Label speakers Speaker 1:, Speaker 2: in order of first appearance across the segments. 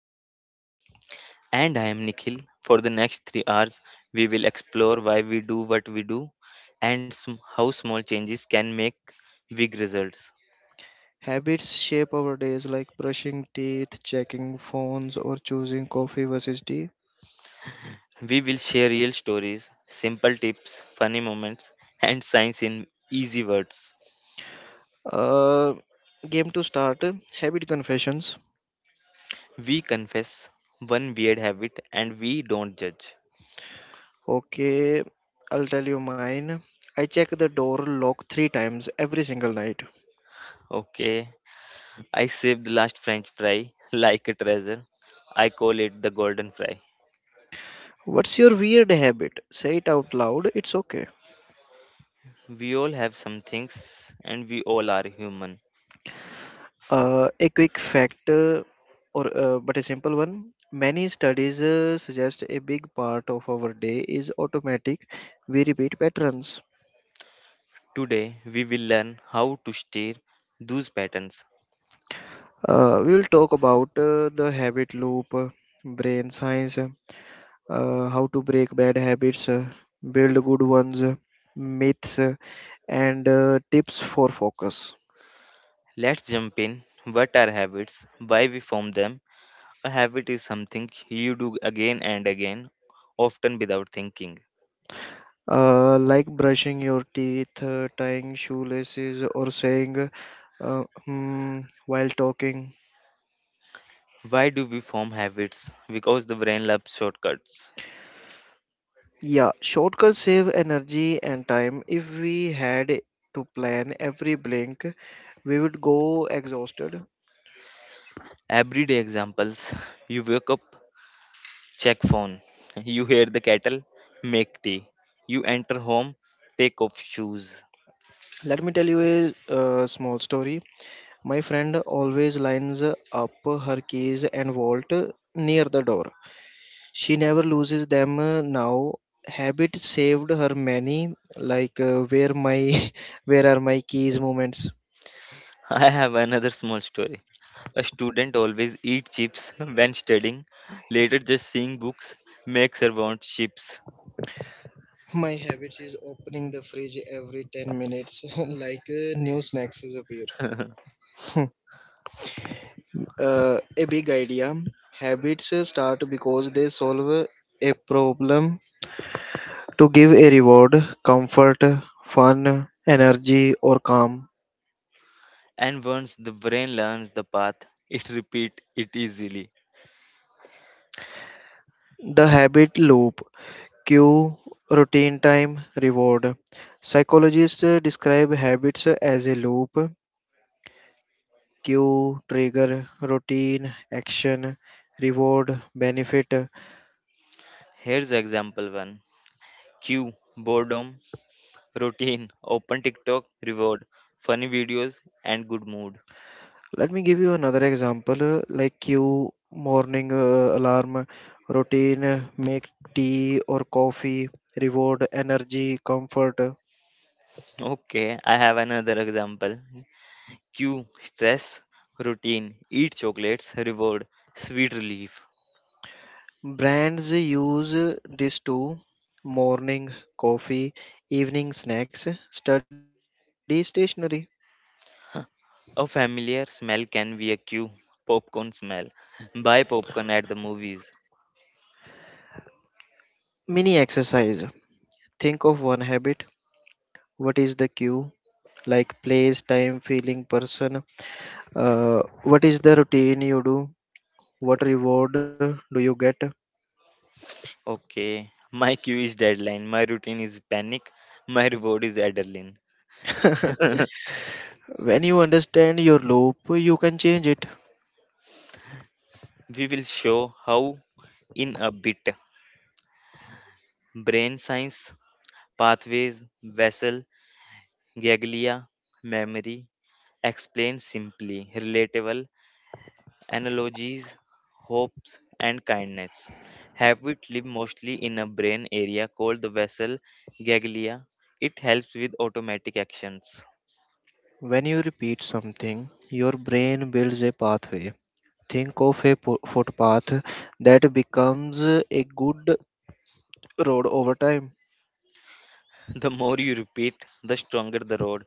Speaker 1: Gurvinder.
Speaker 2: And I am Nikhil. For the next 3 hours, we will explore why we do what we do and how small changes can make big results.
Speaker 1: Habits shape our days like brushing teeth, checking phones, or choosing coffee versus tea.
Speaker 2: We will share real stories, simple tips, funny moments, and science in easy words.
Speaker 1: Uh, Game to start habit confessions.
Speaker 2: We confess one weird habit and we don't judge.
Speaker 1: Okay, I'll tell you mine. I check the door lock three times every single night.
Speaker 2: Okay, I saved the last French fry like a treasure. I call it the golden fry.
Speaker 1: What's your weird habit? Say it out loud, it's okay.
Speaker 2: We all have some things and we all are human.
Speaker 1: A quick fact, or but a simple one. Many studies suggest a big part of our day is automatic. We repeat patterns.
Speaker 2: Today we will learn how to steer those patterns.
Speaker 1: We will talk about the habit loop, brain science, how to break bad habits, build good ones, myths, and tips for focus.
Speaker 2: Let's jump in. What are habits? Why we form them? A habit is something you do again and again, often without thinking.
Speaker 1: Like brushing your teeth, tying shoelaces, or saying hmm, while talking.
Speaker 2: Why do we form habits? Because the brain loves shortcuts.
Speaker 1: Yeah, shortcuts save energy and time. If we had to plan every blink, we would go exhausted.
Speaker 2: Everyday examples, you wake up, check phone, you hear the kettle, make tea, you enter home, take off shoes.
Speaker 1: Let me tell you a small story. My friend always lines up her keys and vault near the door. She never loses them now. Habit saved her many, like where my where are my keys moments.
Speaker 2: I have another small story. A student always eat chips when studying. Later, just seeing books makes her want chips.
Speaker 1: My habit is opening the fridge every 10 minutes, like new snacks is appear. A big idea. Habits start because they solve a problem to give a reward, comfort, fun, energy, or calm.
Speaker 2: And once the brain learns the path, it repeat it easily.
Speaker 1: The habit loop cue, routine time, reward. Psychologists describe habits as a loop cue, trigger, routine, action, reward, benefit.
Speaker 2: Here's example one. Q boredom, routine open TikTok, reward funny videos and good mood.
Speaker 1: Let me give you another example. Like you, morning alarm routine, make tea or coffee, reward energy, comfort.
Speaker 2: Okay, I have another example. Q stress, routine eat chocolates, reward sweet relief.
Speaker 1: Brands use this to morning coffee, evening snacks, study stationery,
Speaker 2: A familiar smell can be a cue. Popcorn smell. Buy popcorn at the movies.
Speaker 1: mini exercise. Think of one habit. What is the cue? Like place, time, feeling, person. What is the routine you do? What reward do you get?
Speaker 2: Okay. My cue is deadline. My routine is panic. My reward is adrenaline.
Speaker 1: When you understand your loop, you can change it.
Speaker 2: We will show how in a bit. Brain science, pathways, vessel, ganglia, memory. Explain simply, relatable, analogies, hopes, and kindness. Habit live mostly in a brain area called the vessel ganglia. It helps with automatic actions.
Speaker 1: When you repeat something, your brain builds a pathway. Think of a footpath that becomes a good road over time.
Speaker 2: The more you repeat, the stronger the road.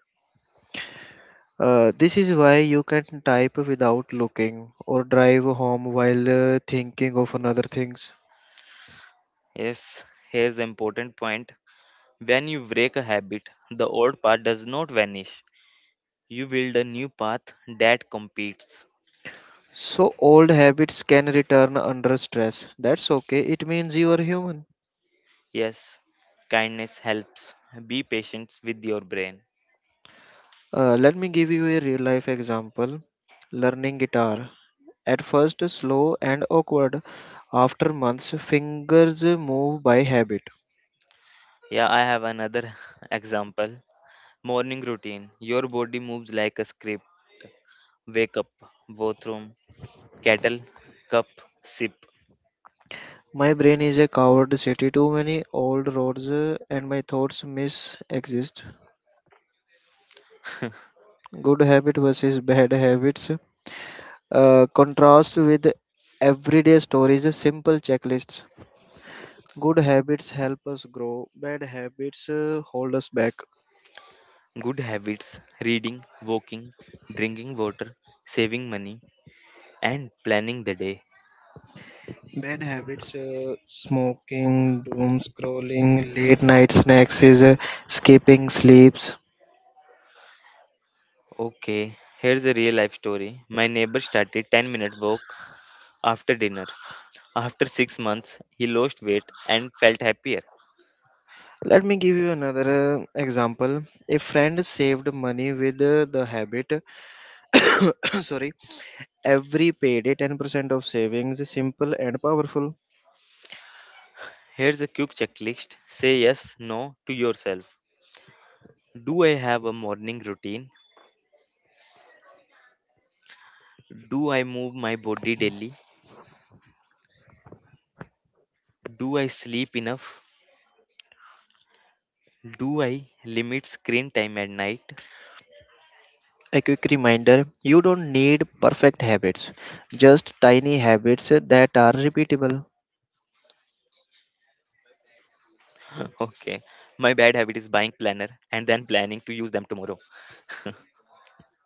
Speaker 1: This is why you can type without looking or drive home while thinking of another things.
Speaker 2: Yes, here's the important point. When you break a habit, the old path does not vanish. You build a new path that competes.
Speaker 1: So old habits can return under stress. That's okay. It means you are human.
Speaker 2: Yes, kindness helps. Be patient with your brain.
Speaker 1: Let me give you a real life example. Learning guitar. At first slow and awkward. After months, fingers move by habit.
Speaker 2: Yeah, I have another example. Morning routine. Your body moves like a script. Wake up, bathroom, kettle, cup, sip.
Speaker 1: My brain is a coward city, too many old roads, and my thoughts miss exist. Good habit versus bad habits. Contrast with everyday stories, simple checklists. Good habits help us grow, bad habits hold us back.
Speaker 2: Good habits, reading, walking, drinking water, saving money, and planning the day.
Speaker 1: Bad habits smoking, doom scrolling, late night snacks, is, skipping sleeps,
Speaker 2: Okay, here's a real life story. My neighbor started 10-minute walk after dinner. After 6 months, he lost weight and felt happier.
Speaker 1: let me give you another example. A friend saved money with the habit, sorry, every payday 10% of savings is simple and powerful.
Speaker 2: Here's a quick checklist. Say yes, no to yourself. Do I have a morning routine? Do I move my body daily? Do I sleep enough? Do I limit screen time at night?
Speaker 1: A quick reminder you don't need perfect habits, just tiny habits that are repeatable.
Speaker 2: Okay. My bad habit is buying planner and then planning to use them tomorrow.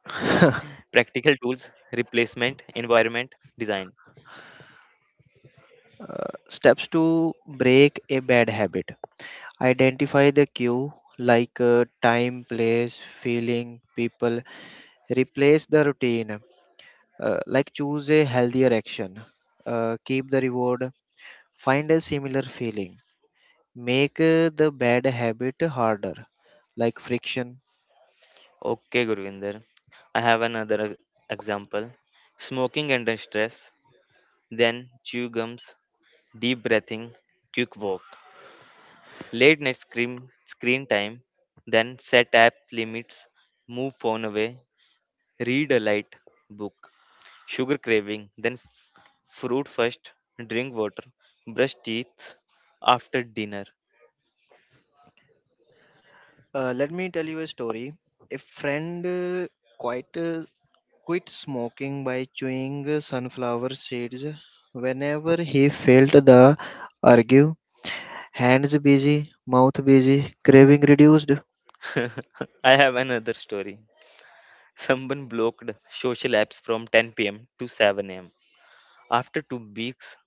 Speaker 2: Practical tools, replacement, environment, design.
Speaker 1: Steps to break a bad habit identify the cue like time, place, feeling, people, replace the routine, like choose a healthier action. Keep the reward find a similar feeling. Make the bad habit harder, like friction.
Speaker 2: Okay, Gurvinder. I have another example. Smoking under stress, then chew gums, deep breathing, quick walk. Late night screen time, then set app limits, move phone away, read a light book. Sugar craving, then fruit first, drink water, brush teeth after dinner.
Speaker 1: Let me tell you a story. A friend quite uh, quit smoking by chewing sunflower seeds whenever he felt the urge. Hands busy, mouth busy, craving reduced.
Speaker 2: I have another story. Someone blocked social apps from 10 pm to 7 am. After 2 weeks,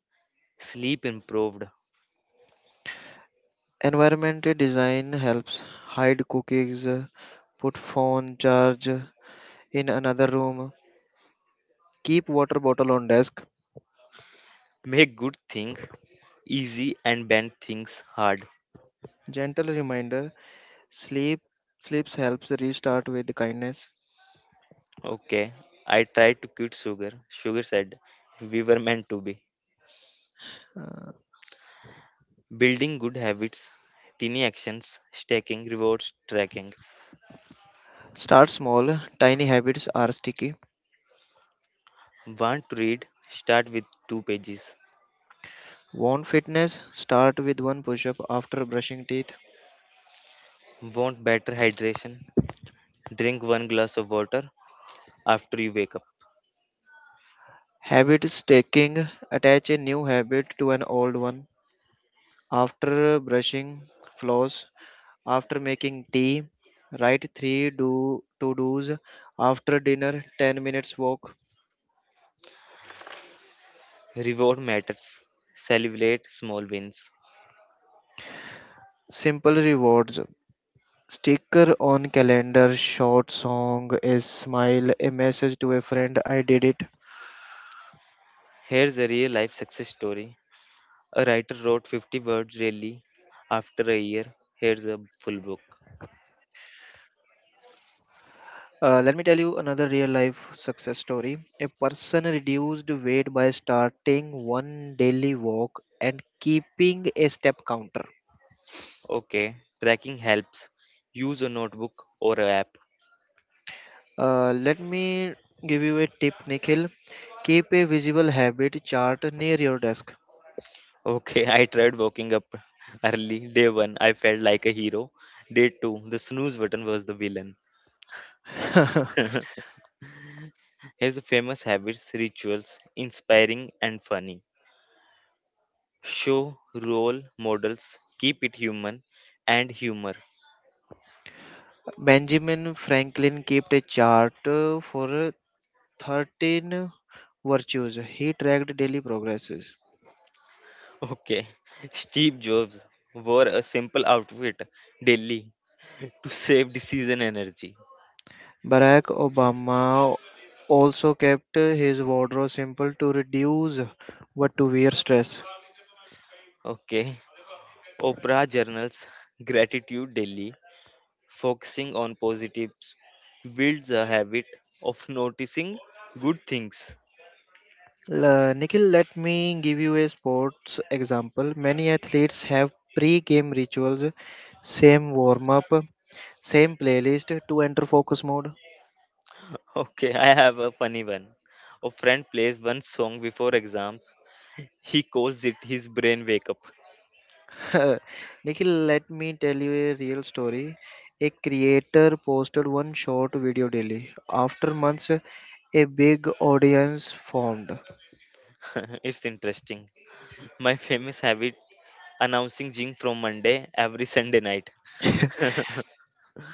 Speaker 2: sleep improved.
Speaker 1: Environment design helps. Hide cookies, put phone charge in another room, keep water bottle on desk.
Speaker 2: Make good thing easy and bad things hard.
Speaker 1: Gentle reminder Sleep sleeps helps restart with kindness.
Speaker 2: Okay, I tried to quit sugar. Sugar said, we were meant to be.
Speaker 1: Uh,
Speaker 2: Building good habits, tiny actions, stacking, rewards, tracking.
Speaker 1: Start small, tiny habits are sticky.
Speaker 2: Want to read? Start with two pages.
Speaker 1: Want fitness? Start with one push-up after brushing teeth.
Speaker 2: Want better hydration? Drink one glass of water after you wake up.
Speaker 1: Habit stacking: attach a new habit to an old one. After brushing, floss. After making tea, write three do to dos. After dinner, 10 minutes walk.
Speaker 2: Reward matters. Celebrate small wins.
Speaker 1: Simple rewards sticker on calendar, short song is smile, a message to a friend, I did it.
Speaker 2: Here's a real life success story. A writer wrote 50 words really after a year. Here's a full book.
Speaker 1: Let me tell you another real life success story. A person reduced weight by starting one daily walk and keeping a step counter.
Speaker 2: Okay, tracking helps. Use a notebook or an app.
Speaker 1: Let me give you a tip, Nikhil. Keep a visible habit chart near your desk.
Speaker 2: Okay, I tried waking up early. Day one, I felt like a hero. Day two, the snooze button was the villain. His famous habits, rituals, inspiring and funny. Show role models, keep it human and humor.
Speaker 1: Benjamin Franklin kept a chart for 13 virtues. He tracked daily progresses.
Speaker 2: Okay, Steve Jobs wore a simple outfit daily to save decision energy.
Speaker 1: Barack Obama also kept his wardrobe simple to reduce what to wear stress.
Speaker 2: Okay, Oprah journals gratitude daily, focusing on positives, builds a habit of noticing good things.
Speaker 1: Nikhil, let me give you a sports example. Many athletes have pre-game rituals, same warm-up, same playlist to enter focus mode.
Speaker 2: Okay, I have a funny one. A friend plays one song before exams. He calls it his brain wake up.
Speaker 1: Nikhil, let me tell you a real story. A creator posted one short video daily. After months, a big audience formed.
Speaker 2: It's interesting. My famous habit, announcing gym from Monday every Sunday night.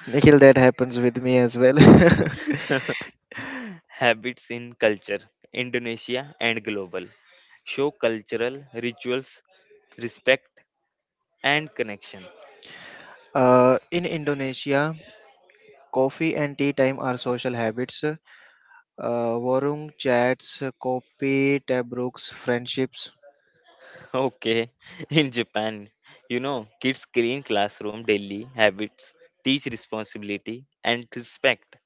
Speaker 1: Nikhil, that happens with me as well.
Speaker 2: Habits in culture, Indonesia and global. Show cultural rituals, respect and connection.
Speaker 1: In Indonesia, coffee and tea time are social habits. Warung chats, coffee, tabrooks, friendships.
Speaker 2: Okay, in Japan, you know, kids clean classroom daily habits, teach responsibility and respect.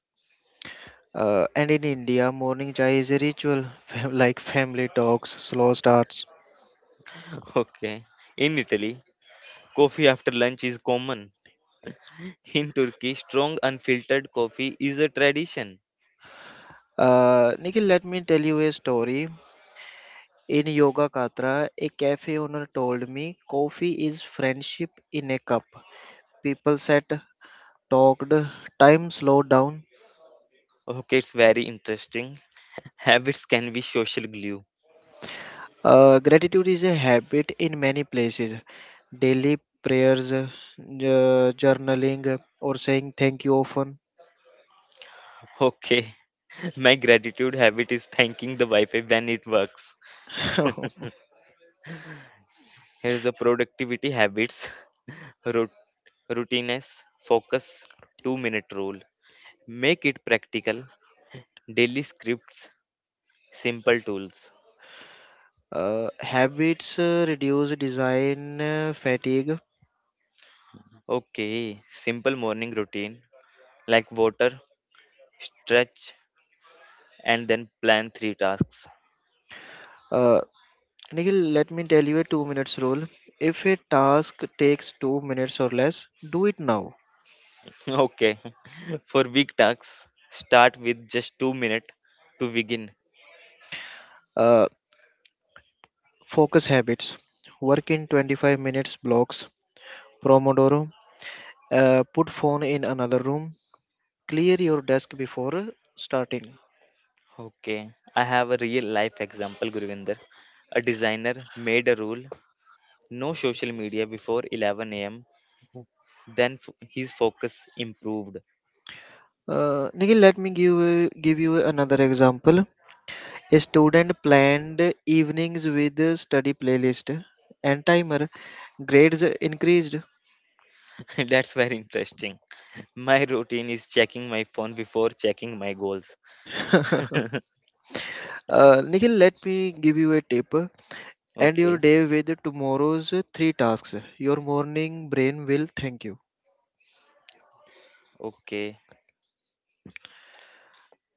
Speaker 1: And in India, morning chai is a ritual, like family talks, slow starts.
Speaker 2: Okay, in Italy, coffee after lunch is common. In Turkey, strong unfiltered coffee is a tradition.
Speaker 1: Nikhil, let me tell you a story. In Yoga Katra, a cafe owner told me coffee is friendship in a cup. People sat, talked, time slowed down.
Speaker 2: Okay, it's very interesting. Habits can be social glue.
Speaker 1: Gratitude is a habit in many places. Daily prayers, journaling, or saying thank you often.
Speaker 2: Okay, my gratitude habit is thanking the Wi Fi when it works. Here's the productivity habits. Rut- Routineness, focus, 2 minute rule. Make it practical. Daily scripts, simple tools.
Speaker 1: Habits reduce design fatigue.
Speaker 2: Okay, simple morning routine, like water, stretch, and then plan three tasks.
Speaker 1: Uh, Nikhil, let me tell you a 2 minutes rule. If a task takes 2 minutes or less, do it now.
Speaker 2: Okay. For big tasks, start with just 2 minutes to begin.
Speaker 1: Uh, Focus habits. Work in 25 minutes blocks. Promodoro. Put phone in another room. Clear your desk before starting.
Speaker 2: Okay. I have a real life example, Guruvinder. A designer made a rule, no social media before 11 a.m. Then his focus improved.
Speaker 1: Nikhil, let me give you another example. A student planned evenings with a study playlist and timer. Grades increased.
Speaker 2: That's very interesting. My routine is checking my phone before checking my goals.
Speaker 1: Nikhil, let me give you a tip. End your
Speaker 2: Okay,
Speaker 1: day with tomorrow's three tasks. Your morning brain will thank you.
Speaker 2: okay.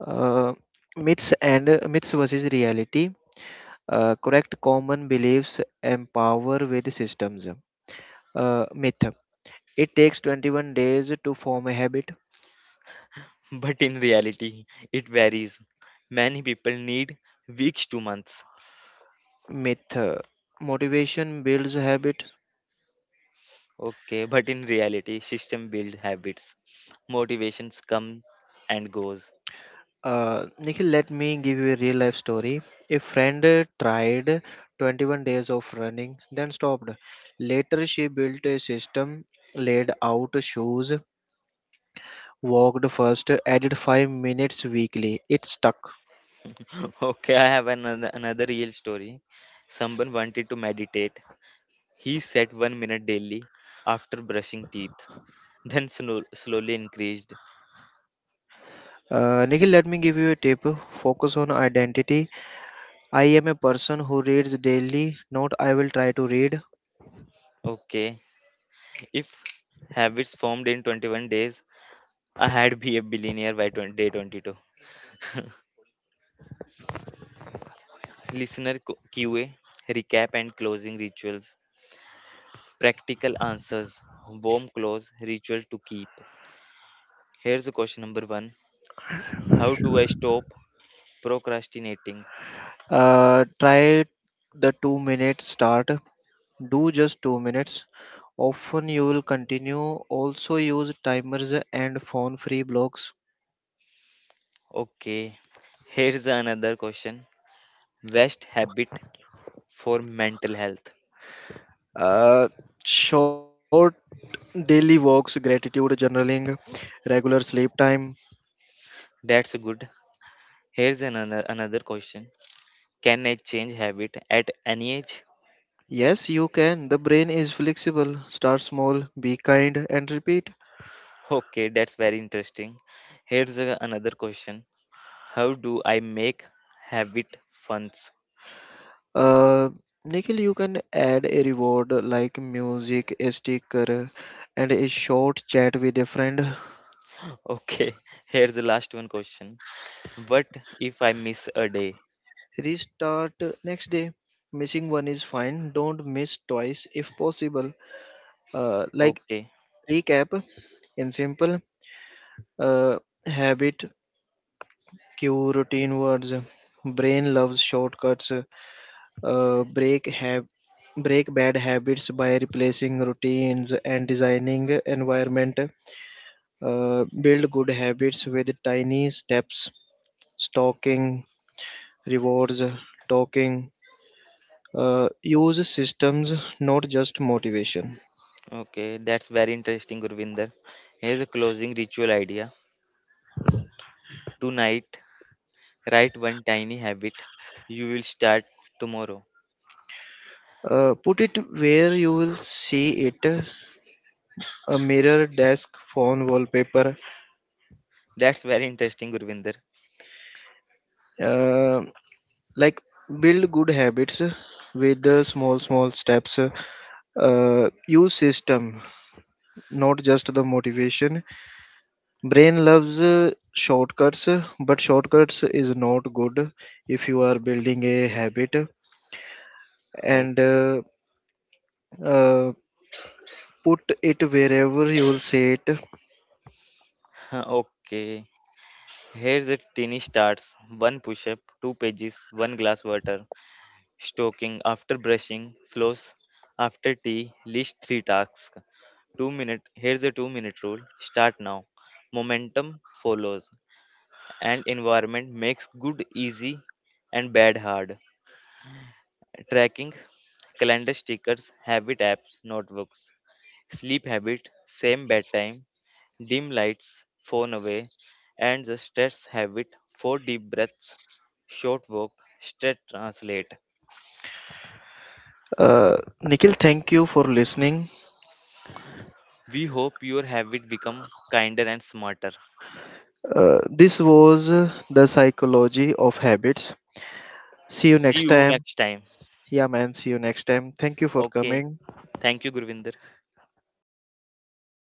Speaker 1: Uh, Myths and myths versus reality. Correct common beliefs. Empower with systems. Myth. It takes 21 days to form a habit.
Speaker 2: But in reality, it varies. Many people need weeks to months.
Speaker 1: Myth, motivation builds habit.
Speaker 2: Okay, but in reality, system build habits. Motivations come and goes.
Speaker 1: Nikhil, let me give you a real life story. A friend tried 21 days of running, then stopped. Later, she built a system, laid out shoes, walked first, added 5 minutes weekly. It stuck.
Speaker 2: Okay, I have another real story. Someone wanted to meditate. He set one minute daily after brushing teeth, then slowly increased.
Speaker 1: Nikhil, let me give you a tip. Focus on identity. I am a person who reads daily, not I will try to read.
Speaker 2: Okay, if habits formed in 21 days, I had be a billionaire by 20, day 22. Listener QA, recap and closing rituals, practical answers, warm close, ritual to keep. Here's the question number one. How do I stop procrastinating?
Speaker 1: Try the 2-minute start. Do just 2 minutes. Often you will continue also use timers and phone free blocks.
Speaker 2: Okay, here's another question. Best habit for mental health.
Speaker 1: Uh, Short daily walks, gratitude, journaling, regular sleep time.
Speaker 2: That's good. Here's another question. Can I change habit at any age?
Speaker 1: Yes, you can. The brain is flexible. Start small, be kind, and repeat.
Speaker 2: Okay, that's very interesting. Here's another question. How do I make habit funds?
Speaker 1: Uh, Nikhil, you can add a reward like music, a sticker, and a short chat with a friend.
Speaker 2: Okay, here's the last one question. What if I miss a day?
Speaker 1: Restart next day. Missing one is fine. Don't miss twice if possible. Uh, like
Speaker 2: Okay,
Speaker 1: Recap in simple uh, habit, cue, routine words. Brain loves shortcuts. Uh, break have Break bad habits by replacing routines and designing environment. Build good habits with tiny steps. Stalking rewards, talking. Use systems, not just motivation.
Speaker 2: Okay, that's very interesting, Gurvinder. Here's a closing ritual idea. Tonight, write one tiny habit. You will start tomorrow.
Speaker 1: Put it where you will see it a mirror, desk, phone, wallpaper,
Speaker 2: That's very interesting, Gurvinder.
Speaker 1: uh, like build good habits with the small small steps use system not just the motivation brain loves shortcuts but shortcuts is not good if you are building a habit
Speaker 2: Oh,
Speaker 1: and uh, put it wherever you will say it
Speaker 2: okay. Here's the tiny starts. One push-up, two pages, one glass water, stoking after brushing, floss after tea, list three tasks. 2 minute. Here's the 2 minute rule. Start now. Momentum follows, and environment makes good easy and bad hard. Tracking, calendar stickers, habit apps, notebooks, sleep habit, same bedtime, dim lights, phone away, and the stress habit, four deep breaths, short walk, stretch translate.
Speaker 1: uh, Nikhil, thank you for listening.
Speaker 2: We hope your habit become kinder and smarter.
Speaker 1: This was the psychology of habits. See you
Speaker 2: See
Speaker 1: next
Speaker 2: you
Speaker 1: time.
Speaker 2: next time.
Speaker 1: Yeah, man, see you next time. Thank you for
Speaker 2: Okay.
Speaker 1: coming.
Speaker 2: Thank you, Gurvinder.